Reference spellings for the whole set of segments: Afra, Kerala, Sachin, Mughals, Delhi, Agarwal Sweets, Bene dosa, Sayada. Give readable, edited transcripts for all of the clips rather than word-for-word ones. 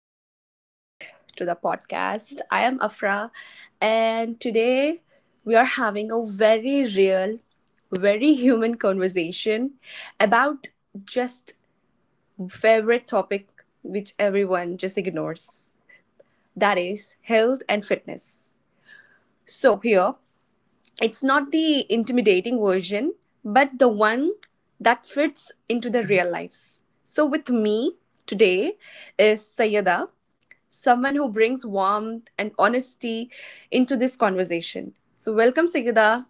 and welcome back to the podcast. I am Afra, and today we are having a very real, very human conversation about just favorite topic which everyone just ignores, that is health and fitness. So, here it's not the intimidating version, but the one that fits into the real lives. So, with me today is Sayada, someone who brings warmth and honesty into this conversation. So, welcome, Sigida.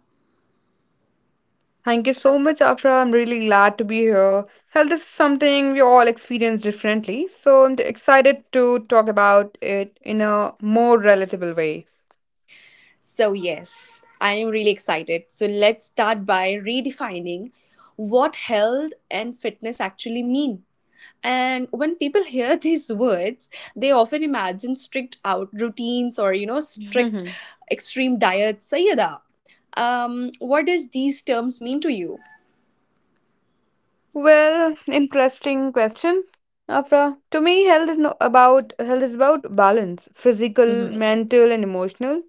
Thank you so much, Afra. I'm really glad to be here. Health is something we all experience differently, so I'm excited to talk about it in a more relatable way. So, yes, I am really excited. So, let's start by redefining what health and fitness actually mean. And when people hear these words, they often imagine strict out routines or, you know, strict extreme diets. Sayada, what does these terms mean to you? Well, interesting question, Afra. To me, health is no about health is about balance, physical, mental, and emotional.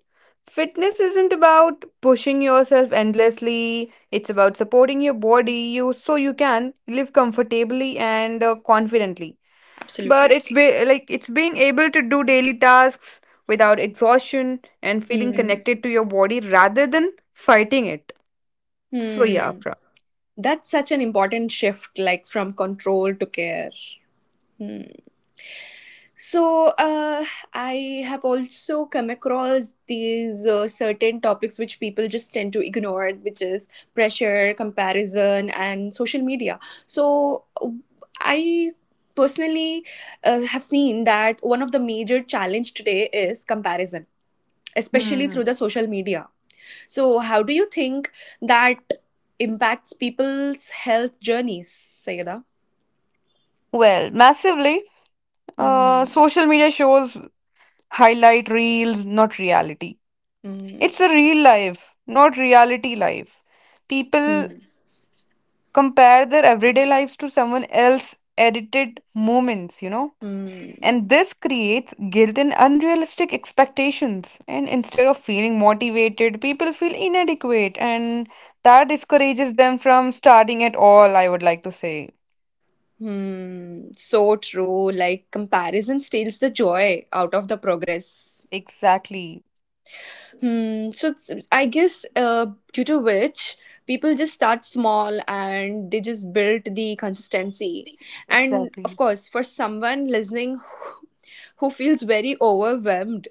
Fitness isn't about pushing yourself endlessly. It's about supporting your body you so you can live comfortably and confidently. But Absolutely. it's be- like It's being able to do daily tasks without exhaustion, and feeling Hmm. connected to your body rather than fighting it. So yeah, Hmm. Afra. That's such an important shift, like from control to care. Hmm. So, I have also come across these certain topics which people just tend to ignore, which is pressure, comparison, and social media. So, I personally have seen that one of the major challenge today is comparison especially Hmm. through the social media. So, how do you think that impacts people's health journeys, Sayada? Well, massively, Hmm. social media shows highlight reels, not reality. Hmm. It's a real life, not reality life. People Hmm. compare their everyday lives to someone else edited moments, you know? Hmm. And this creates guilt and unrealistic expectations. And instead of feeling motivated, people feel inadequate, and that discourages them from starting at all, I would like to say. Hmm. So true. Like comparison steals the joy out of the progress. Exactly. Hmm. So it's- I guess due to which people just start small and they just build the consistency. And of Exactly. course, for someone listening who feels very overwhelmed,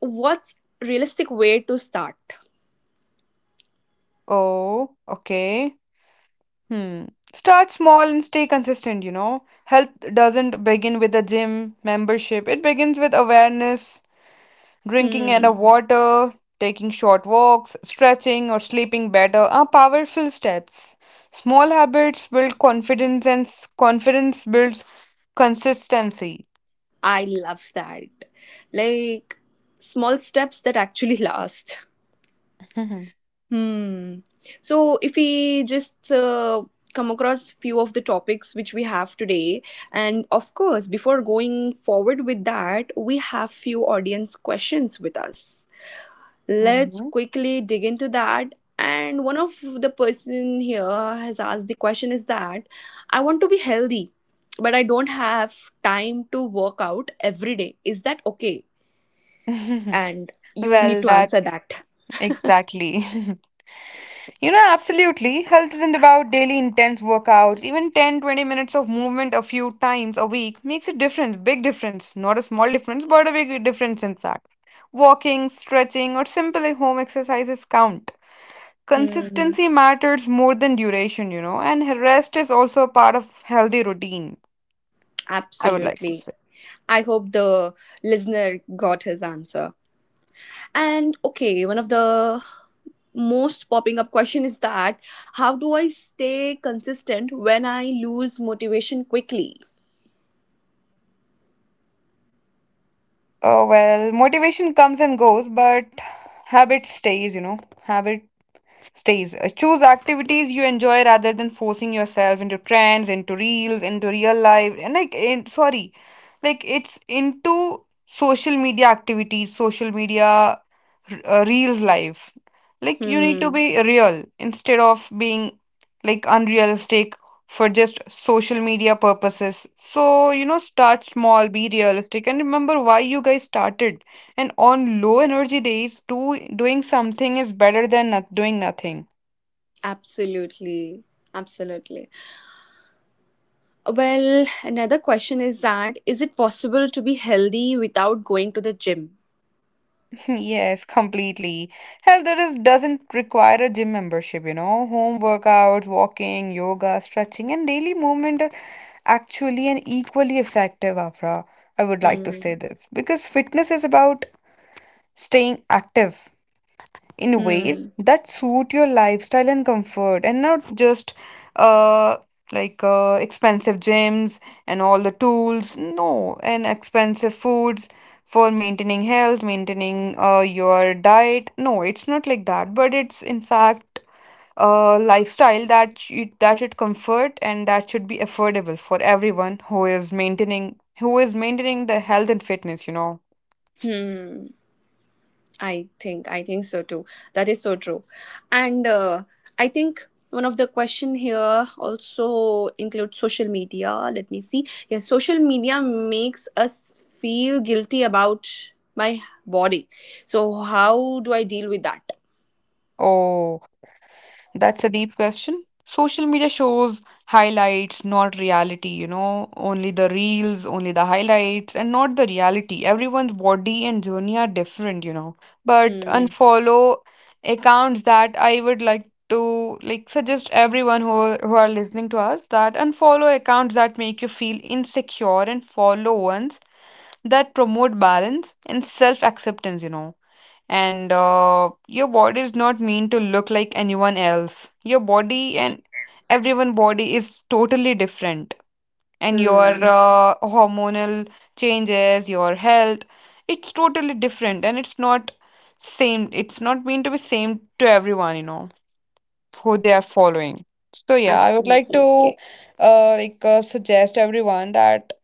what's realistic way to start? Oh, okay. Hmm. Start small and stay consistent, you know. Health doesn't begin with a gym membership, it begins with awareness. Drinking Hmm. enough water, taking short walks, stretching, or sleeping better are powerful steps. Small habits build confidence, and confidence builds consistency. I love that, like small steps that actually last. Hmm. So if we just come across few of the topics which we have today, and of course, before going forward with that, we have few audience questions with us. Let's Mhm. quickly dig into that. And one of the person here has asked the question is that I want to be healthy, but I don't have time to work out every day. Is that okay? And you need Well, to that answer that. exactly. You know, absolutely. Health isn't about daily intense workouts. Even 10-20 minutes of movement a few times a week makes a difference, big difference. Not a small difference, but a big difference, in fact. Walking, stretching, or simply home exercises count. Hmm, Consistency matters more than duration, you know, and rest is also a part of healthy routine, I would like to absolutely. say. I hope the listener got his answer. And okay, one of the most popping up question is that how do I stay consistent when I lose motivation quickly? Oh, well, motivation comes and goes, but habit stays, you know. Habit stays. Choose activities you enjoy rather than forcing yourself into trends, into reels, into real life, and sorry, like it's into social media activities, social media reels life. Like you need to Hmm, be real instead of being like unrealistic for just social media purposes. So, you know, start small, be realistic, and remember why you guys started. And on low energy days, doing something is better than not doing nothing. absolutely. Absolutely. Well, another question is that is it possible to be healthy without going to the gym? Yes, completely. Health doesn't require a gym membership, you know. Home workouts, walking, yoga, stretching, and daily movement are actually and equally effective, Afra. I would like to say Hmm. this because fitness is about staying active in ways Hmm. that suit your lifestyle and comfort, and not just uh expensive gyms and all the tools, no, and expensive foods for maintaining health, maintaining your diet. No, it's not like that, but it's in fact a lifestyle that that should comfort and that should be affordable for everyone who is maintaining the health and fitness, you know. Hmm. I think so too. That is so true, and I think one of the question here also includes social media. Let me see. Yeah, social media makes us feel guilty about my body. So how do I deal with that? Oh, that's a deep question. Social media shows highlights, not reality, you know, only the reels, only the highlights, and not the reality. Everyone's body and journey are different, you know. But Hmm. unfollow accounts that, I would like to suggest everyone who are listening to us, that unfollow accounts that make you feel insecure and follow ones that promote balance and self acceptance, you know. And your body is not meant to look like anyone else. Your body and everyone body is totally different. And your Right. Hmm. Hormonal changes, your health, it's totally different and it's not same. It's not meant to be same to everyone, you know, who they are following. So yeah, I would like Absolutely. to suggest everyone that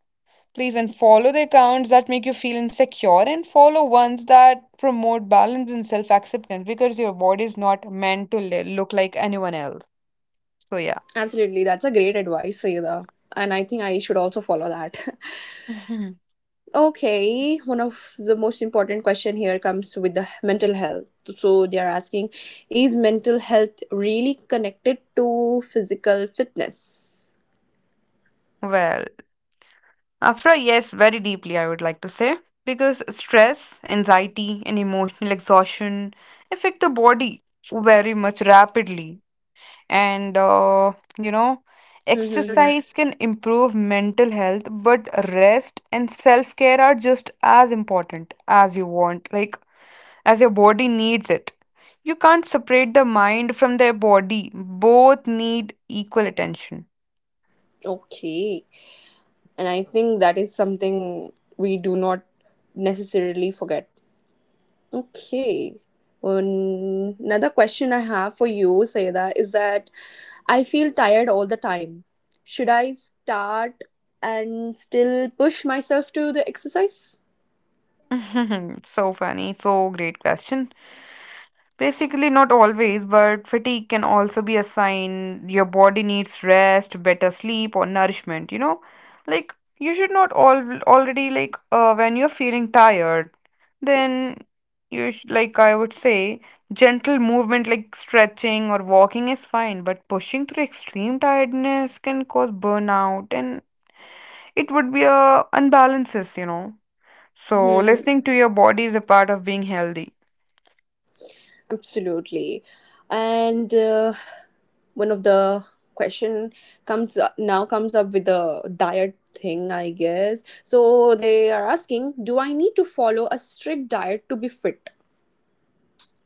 please and follow the accounts that make you feel insecure and follow ones that promote balance and self acceptance, because your body is not meant to look like anyone else. So, yeah. Absolutely. That's a great advice, Sayeda. And I think I should also follow that. Mhm. Okay, one of the most important question here comes with the mental health. So they are asking, is mental health really connected to physical fitness? Well, Afra, yes, very deeply, I would like to say, because stress, anxiety, and emotional exhaustion affect the body very much rapidly, and you know, Mm-hmm. exercise can improve mental health, but rest and self-care are just as important as you want, like as your body needs it. You can't separate the mind from their body. Both need equal attention. Okay, and I think that is something we do not necessarily forget. Okay. Another question I have for you, Sayeda, is that I feel tired all the time. Should I start and still push myself to the exercise? So funny, so great question. Basically, not always, but fatigue can also be a sign your body needs rest, better sleep, or nourishment. You know, like you should not all already like when you're feeling tired, then you sh like I would say gentle movement like stretching or walking is fine, but pushing through extreme tiredness can cause burnout, and it would be a unbalances. You know, so Hmm, listening to your body is a part of being healthy. absolutely. And one of the question comes up, now comes up with the diet thing, I guess. So they are asking, do I need to follow a strict diet to be fit?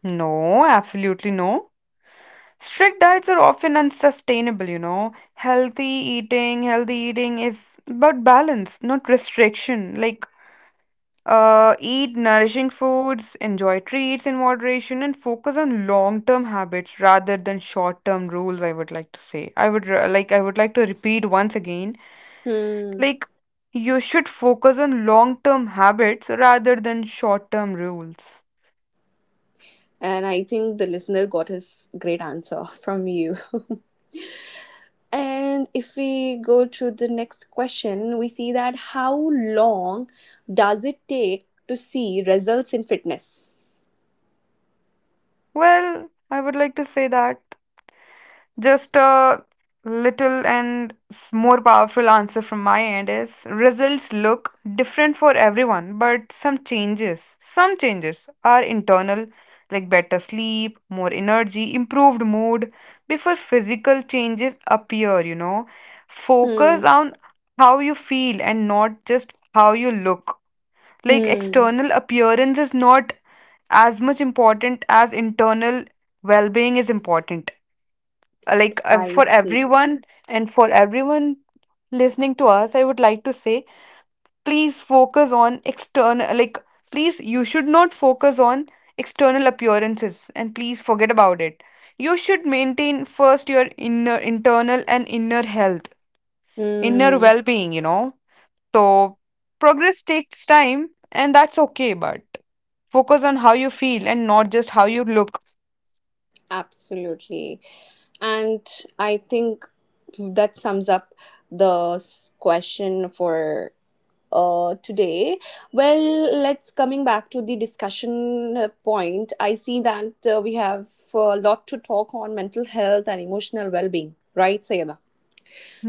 No, absolutely no. Strict diets are often unsustainable, you know. Healthy eating is about balance, not restriction. Like, eat nourishing foods, enjoy treats in moderation, and focus on long-term habits rather than short-term rules, I would like to say. I would like to repeat once again. Hmm. Like, you should focus on long-term habits rather than short-term rules. And I think the listener got his great answer from you. And if we go to the next question, we see that how long does it take to see results in fitness? Well, I would like to say that. Just a little and more powerful answer from my end is results look different for everyone, but some changes are internal, like better sleep, more energy, improved mood, before physical changes appear, you know. Focus Hmm. on how you feel and not just how you look. Like Hmm. external appearance is not as much important as internal well being is important, I for see. everyone. And for everyone listening to us, I would like to say, please focus on external, like please you should not focus on external appearances and please forget about it. You should maintain first your inner, internal, and inner health, inner Mm, well-being, you know. So progress takes time and that's okay, but focus on how you feel and not just how you look. absolutely. And I think that sums up the s- question for today. Well, let's coming back to the discussion point. I see that we have a lot to talk on mental health and emotional well being, right, Sayeda?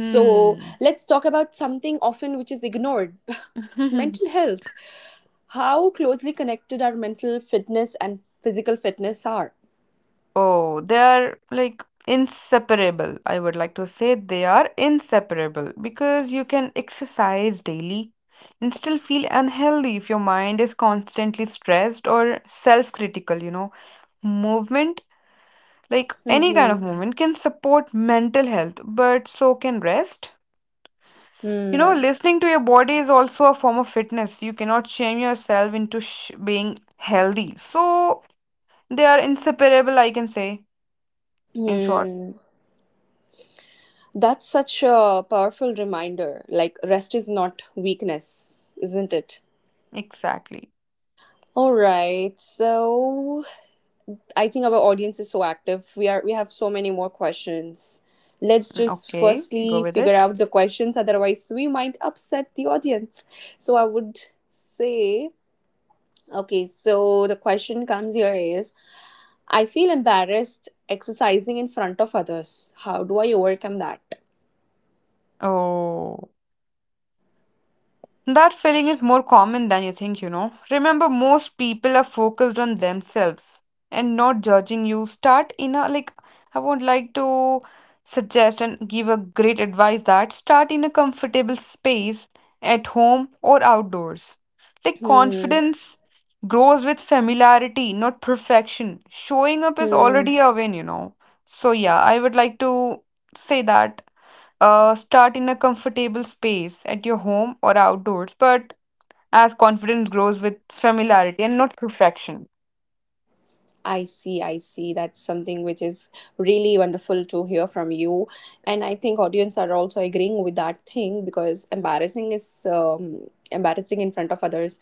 So let's talk about something often which is ignored mental health. How closely connected our mental fitness and physical fitness are. Oh, they are like inseparable. I would like to say they are inseparable, because you can exercise daily and still feel unhealthy if your mind is constantly stressed or self-critical, you know. Movement, like any kind Mm-hmm. of movement, can support mental health, but so can rest. You know, Hmm. listening to your body is also a form of fitness. You cannot shame yourself into sh being healthy. So they are inseparable, I can say, in short. Hmm. That's such a powerful reminder. Like, rest is not weakness, isn't it? Exactly. All right. So, I think our audience is so active. We have so many more questions. Let's just Okay, go firstly with figure it. out the questions, otherwise we might upset the audience. So I would say, okay, so the question comes here is I feel embarrassed exercising in front of others. How do I overcome that? Oh, that feeling is more common than you think, you know. Remember, most people are focused on themselves and not judging you. Start in a like, I would like to suggest and give a great advice that start in a comfortable space at home or outdoors. Like, Hmm. confidence grows with familiarity, not perfection. Showing up is Hmm. already a win, you know. So, yeah, I would like to say that. Start in a comfortable space at your home or outdoors, but as confidence grows with familiarity and not perfection. I see, I see. That's something which is really wonderful to hear from you. And I think audience are also agreeing with that thing because embarrassing is embarrassing in front of others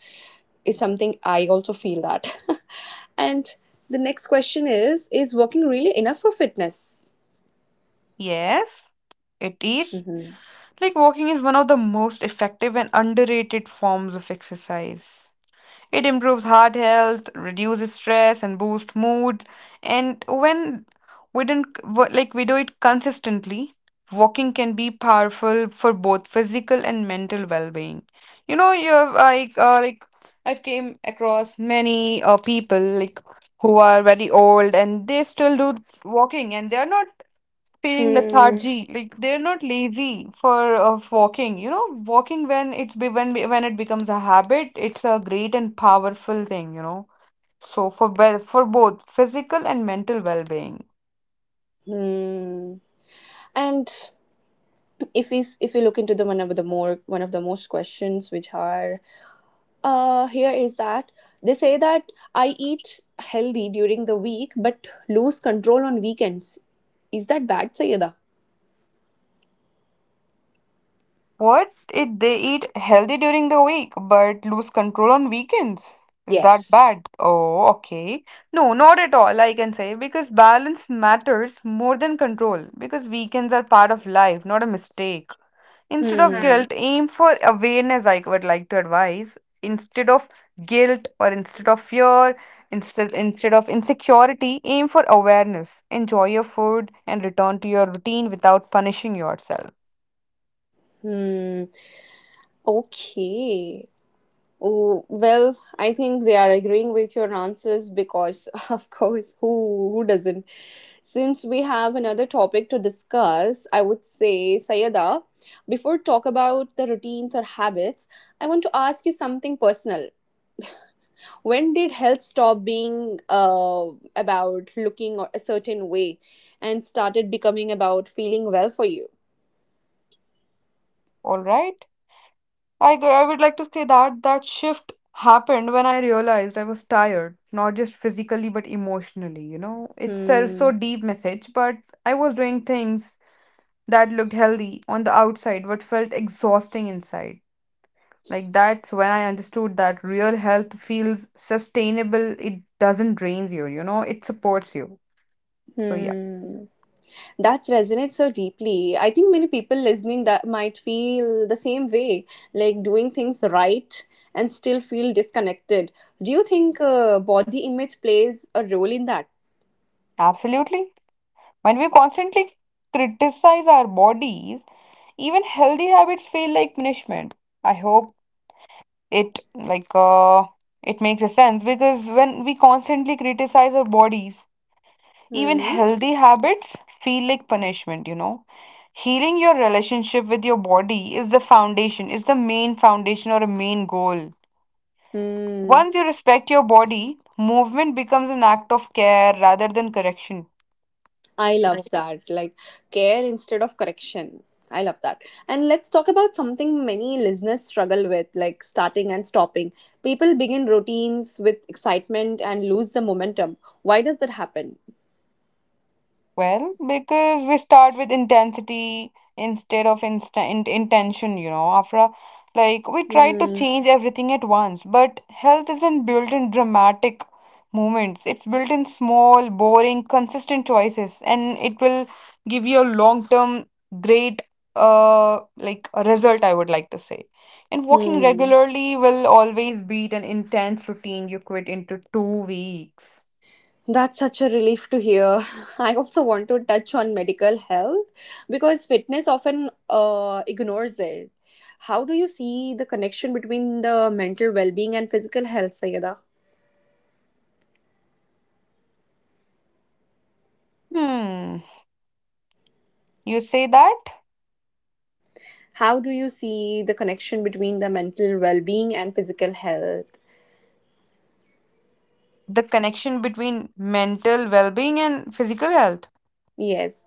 is something I also feel that. And the next question is working really enough for fitness? Yes, it is. Hmm. Like walking is one of the most effective and underrated forms of exercise. It improves heart health, reduces stress, and boosts mood. And when we don't like we do it consistently, walking can be powerful for both physical and mental well-being. You know, you have I've came across many people like who are very old and they still do walking, and they are not feeling Hmm. lethargy, like they're not lazy for of walking, you know. Walking when it's be- when it becomes a habit, it's a great and powerful thing, you know. So for well, for both physical and mental well-being. And if we look into the one of the most questions which are here is that they say that I eat healthy during the week but lose control on weekends. Is that bad, Sayeda? What if they eat healthy during the week but lose control on weekends, is that Yes. bad? Oh, okay. No, not at all, I can say, because balance matters more than control, because weekends are part of life, not a mistake. Instead of Hmm. Hmm. guilt, aim for awareness, I would like to advise. Instead of guilt or instead of fear, instead instead of insecurity, aim for awareness. Enjoy your food and return to your routine without punishing yourself. Hmm. Okay. Oh, well, I think they are agreeing with your answers because, of course, who doesn't? Since we have another topic to discuss, I would say, Sayada, before talk about the routines or habits, I want to ask you something personal. When did health stop being about looking a certain way and started becoming about feeling well for you? All right? I would like to say that that shift happened when I realized I was tired, not just physically but emotionally, you know. It's a so Hmm. deep message, but I was doing things that looked healthy on the outside but felt exhausting inside. Like that's when I understood that real health feels sustainable. It doesn't drain you, you know, it supports you. So yeah. Hmm. That resonates so deeply. I think many people listening that might feel the same way, like doing things right and still feel disconnected. Do you think body image plays a role in that? Absolutely. When we constantly criticize our bodies, even healthy habits feel like punishment. I hope it like uh it makes a sense, because when we constantly criticize our bodies, even Hmm. healthy habits feel like punishment, you know. Healing your relationship with your body is the foundation, is the main foundation or a main goal. Hmm. Once you respect your body, movement becomes an act of care rather than correction. I love that. Like care instead of correction. I love that. And let's talk about something many listeners struggle with, like starting and stopping. People begin routines with excitement and lose the momentum. Why does that happen? Well, because we start with intensity instead of instant intention, you know. After a- like We try to Hmm. change everything at once, but health isn't built in dramatic moments. It's built in small, boring, consistent choices, and it will give you a long-term great like a result, I would like to say. And walking Hmm. regularly will always beat an intense routine you quit into 2 weeks. That's such a relief to hear. I also want to touch on medical health because fitness often ignores it. How do you see the connection between the mental well being and physical health, Sayeda? Hmm. You say that? How do you see the connection between the mental well being and physical health? The connection between mental well-being and physical health. Yes.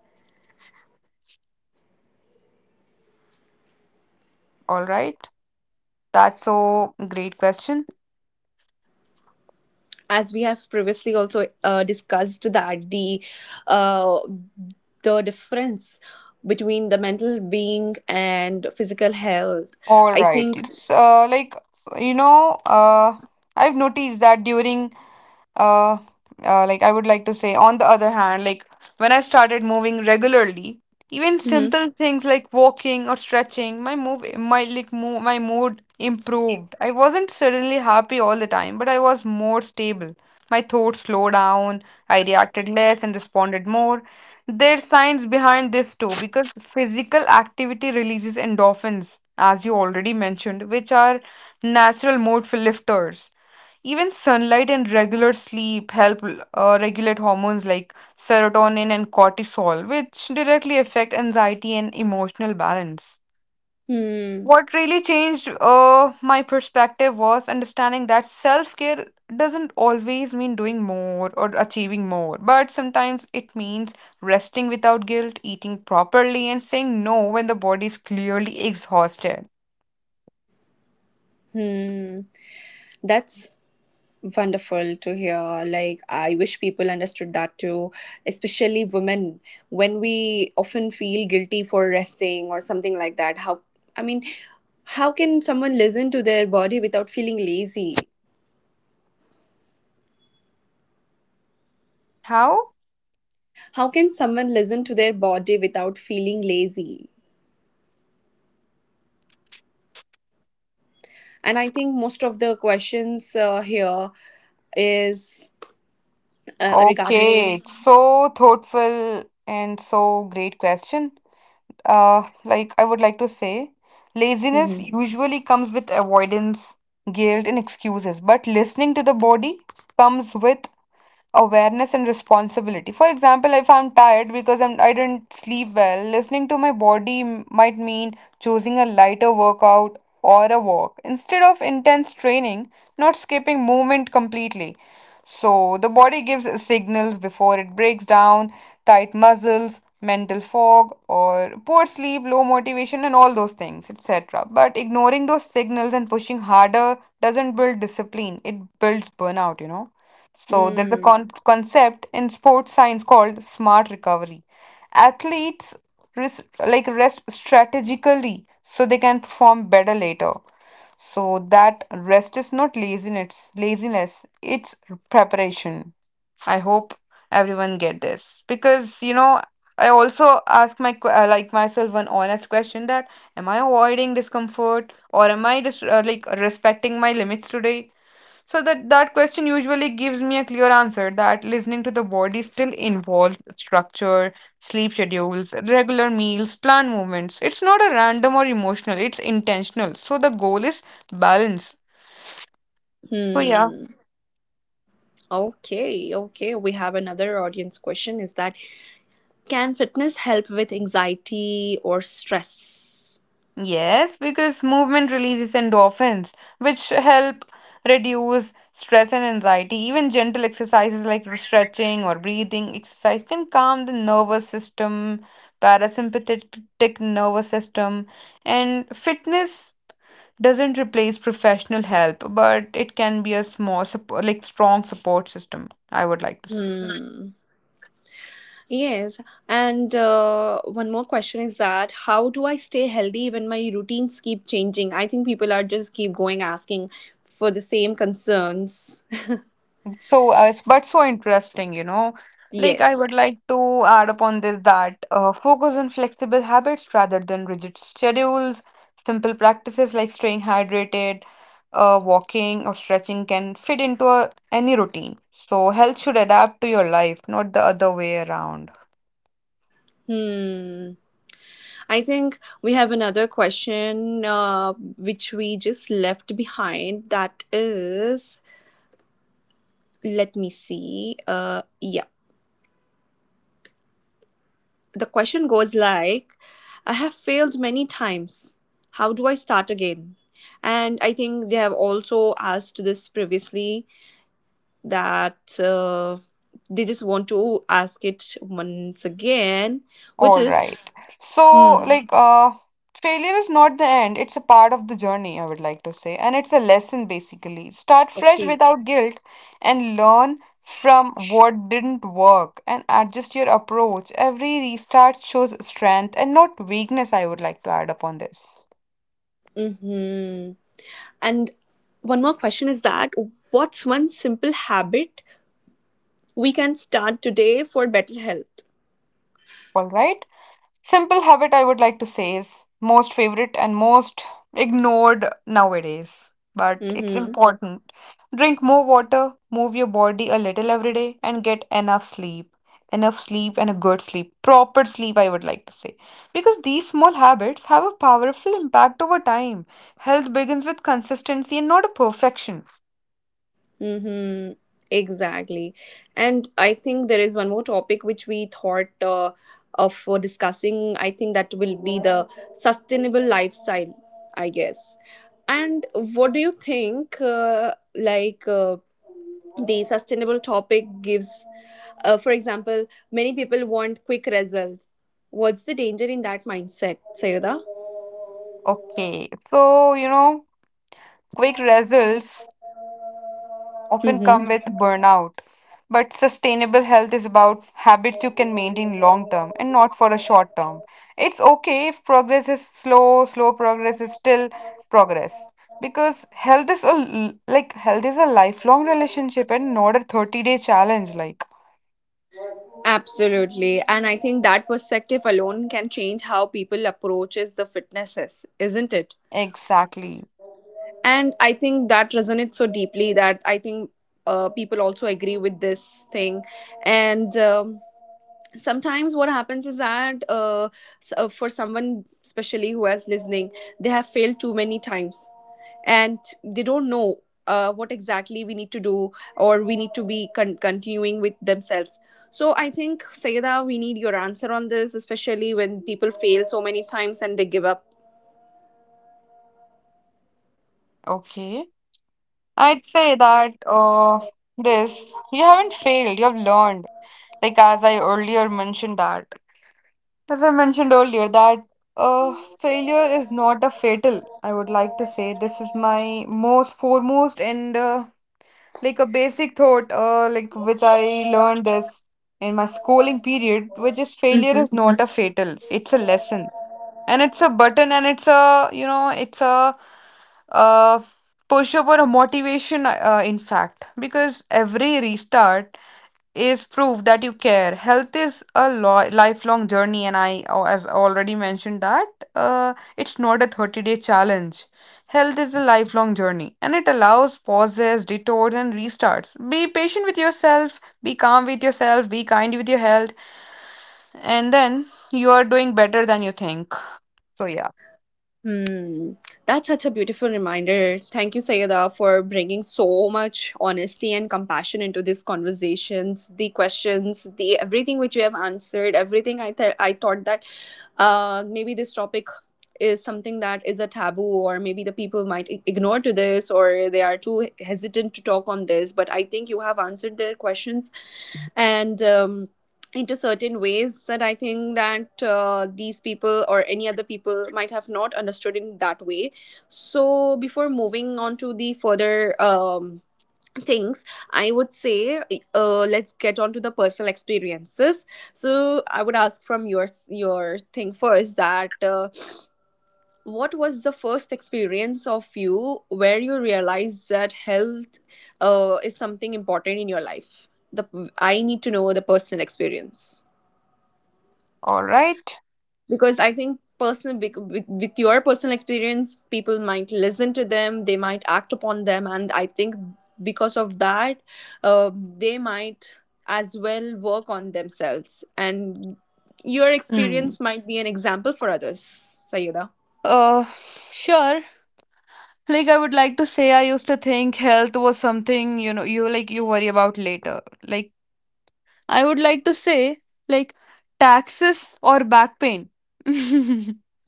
All right, that's so great question. As we have previously also discussed that uh, the difference between the mental being and physical health, All I right, think. it's you know uh, I've noticed that during uh, like I would like to say, on the other hand, like when I started moving regularly, even Hmm. simple things like walking or stretching my move my like mo- my mood improved. I wasn't suddenly happy all the time, but I was more stable. My thoughts slowed down, I reacted less and responded more. There's science behind this too, because physical activity releases endorphins, as you already mentioned, which are natural mood lifters. Even sunlight and regular sleep help regulate hormones like serotonin and cortisol, which directly affect anxiety and emotional balance. Hmm. What really changed my perspective was understanding that self care doesn't always mean doing more or achieving more, but sometimes it means resting without guilt, eating properly, and saying no when the body is clearly exhausted. Hmm. That's wonderful to hear. Like, I wish people understood that too, especially women, when we often feel guilty for resting or something like that. How, I mean, how can someone listen to their body without feeling lazy? How? How can someone listen to their body without feeling lazy? And I think most of the questions here is Okay, regarding. it's so thoughtful and so great question. I would like to say, laziness Mhm. usually comes with avoidance, guilt, and excuses, but listening to the body comes with awareness and responsibility. For example, if I'm tired because I didn't sleep well, listening to my might mean choosing a lighter workout or a walk instead of intense training, not skipping movement completely. So, the body gives signals before it breaks down: tight muscles, mental fog, or poor sleep, low motivation, and all those things, etc. But ignoring those signals and pushing harder doesn't build discipline, it builds burnout, you know. So there's a Hmm. Concept in sports science called smart recovery. Athletes rest strategically so they can perform better later. So that rest is not laziness, it's preparation. I hope everyone get this, because you know I also ask my myself one honest question: that am I avoiding discomfort, or am I just respecting my limits today? So that question usually gives me a clear answer that listening to the body still involves structure: sleep schedules, regular meals, planned movements. It's not a random or emotional, it's intentional. So the goal is balance. So yeah. Hmm. Okay. Okay. We have another audience question. Is that can fitness help with anxiety or stress? Yes, because movement releases endorphins, which help reduce stress and anxiety. Even gentle exercises like stretching or breathing exercise can calm the nervous system, parasympathetic nervous system. And fitness doesn't replace professional help, but it can be a small support, like strong support system, I would like to say. Hmm. Yes. And one more question is that how do I stay healthy when my routines keep changing? I think people are just keep going asking for the same concerns. So, it's but so interesting, you know. Like, I Yes. would like to add upon this that focus on flexible habits rather than rigid schedules. Simple practices like staying hydrated, walking, or stretching can fit into any routine. So, health should adapt to your life, not the other way around. Hmm. I think we have another question which we just left behind. That is, let me see. Yeah. The question goes like I have failed many times, how do I start again? And I think they have also asked this previously that they just want to ask it once again, which All is right. So, hmm. like, uh, Failure is not the end, it's a part of the journey, I would like to say. And it's a lesson, basically. Start fresh Okay. without guilt and learn from what didn't work and adjust your approach. Every restart shows strength and not weakness, I would like to add upon this. Mm-hmm. And one more question is that what's one simple habit we can start today for better health? All right. Simple habit I would like to say is most favorite and most ignored nowadays, but it's Mm-hmm. important. Drink more water, move your body a little every day, and get enough sleep. Enough sleep and a good sleep. Proper sleep, I would like to say. Because these small habits have a powerful impact over time. Health begins with consistency and not a perfection. Mm-hmm. Exactly. And I think there is one more topic which we thought of for discussing. I think that will be the sustainable lifestyle, I guess. And what do you think? The sustainable topic gives, for example, many people want quick results. What's the danger in that mindset, Sayada? Okay, so you know, quick results often come with burnout. But sustainable health is about habits you can maintain long term and not for a short term. It's okay if progress is slow, slow progress is still progress, because health is a l- like health is a lifelong relationship and not a 30-day challenge, like, Absolutely. And I think that perspective alone can change how people approaches the fitnesses, isn't it? exactly. And I think that resonates so deeply that I think people also agree with this thing. And sometimes what happens is that for someone, especially who is listening, they have failed too many times and they don't know what exactly we need to do or we need to be con- continuing with themselves. So I think, Sayeda, we need your answer on this, especially when people fail so many times and they give up. Okay, I'd say that this you haven't failed, you have learned. Like, as I mentioned earlier, that uh, failure is not a fatal. I would like to say this is my most foremost and a basic thought, which I learned this in my schooling period, which is failure is not a fatal. It's a lesson, and it's a button, and it's a uh, push up or a motivation. In fact, because every restart is proof that you care. Health is a lifelong journey, and as already mentioned, that it's not a 30-day challenge. Health is a lifelong journey and it allows pauses, detours, and restarts. Be patient with yourself, be calm with yourself, be kind with your health, and then you are doing better than you think. So, yeah, Hmm, that's such a beautiful reminder. Thank you, Sayeda, for bringing so much honesty and compassion into these conversations, the questions, the everything which you have answered, everything I thought that maybe this topic is something that is a taboo or maybe the people might I- ignore to this or they are too hesitant to talk on this, but I think you have answered their questions. And into certain ways that I think that these people or any other people might have not understood in that way. So before moving on to the further things, I would say let's get on to the personal experiences. So I would ask from your thing first that what was the first experience of you where you realized that health is something important in your life. The I need to know the personal experience, all right. because I think personal with your personal experience, people might listen to them, they might act upon them, and I think because of that uh, they might as well work on themselves, and your Mm. experience might be an example for others, Sayeda. Uh, sure. Like I would like to say, I used to think health was something you worry about later. Like I would like to say, like, taxes or back pain.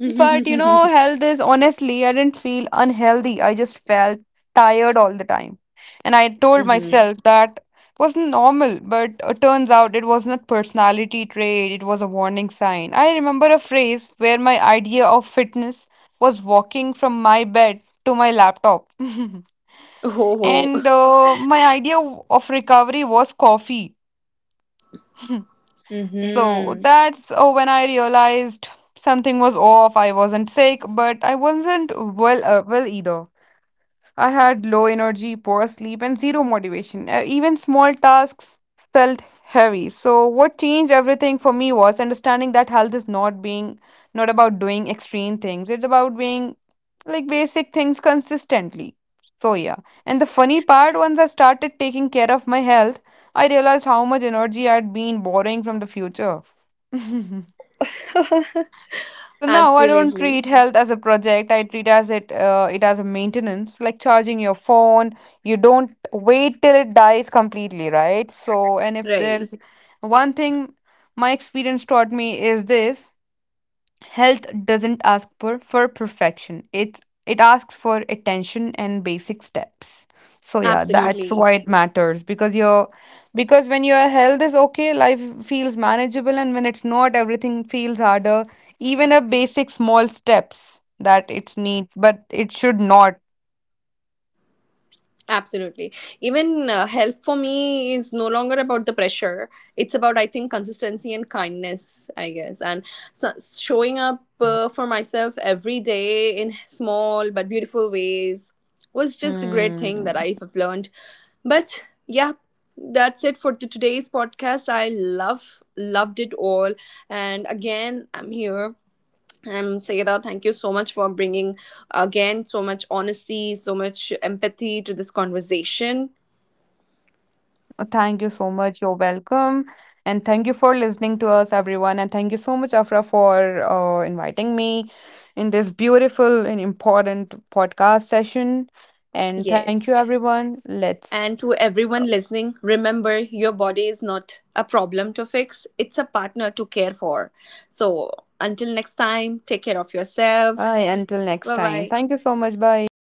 you know, Hmm. health is honestly, I didn't feel unhealthy. I just felt tired all the time. And I told myself that was normal, but it turns out it was not personality trait, it was a warning sign. I remember a phrase where my idea of fitness was walking from my bed to my laptop. Oh, And my idea of recovery was coffee. So mm-hmm. that's when I realized something was off. I wasn't sick, but I wasn't well well either. I had low energy, poor sleep, and zero motivation. Even small tasks felt heavy. So, what changed everything for me was understanding that health is not about doing extreme things. It's about being like basic things consistently. So, yeah. And the funny part, once I started taking care of my health, I realized how much energy I'd been borrowing from the future. So now I don't Absolutely. treat health as a project. I treat as it it as a maintenance, like charging your phone. You don't wait till it dies completely, right? So, and if Right. there's one thing my experience taught me is this: health doesn't for perfection. It asks for attention and basic steps. So yeah, that's Absolutely. why it matters because your because when your health is okay, life feels manageable, and when it's not, everything feels harder. Even a basic small steps that it's needs, but it should not. Absolutely. Even health for me is no longer about the pressure. It's about, I think, consistency and kindness, I guess. And so, showing up for myself every day in small but beautiful ways was just a great thing Hmm. that I have learned. But yeah, that's it for t- today's podcast. I loved it all. And again, I'm here. And Sayeda, thank you so much for bringing again so much honesty, so much empathy to this conversation. Thank you so much. You're welcome. And thank you for listening to us, everyone. And thank you so much, Afra, for inviting me in this beautiful and important podcast session. And thank Yes. you, everyone. Let's And to everyone listening, remember your body is not a problem to fix, it's a partner to care for. So until next time, take care of bye yourselves. until next Bye time. bye. Thank you so much. Bye.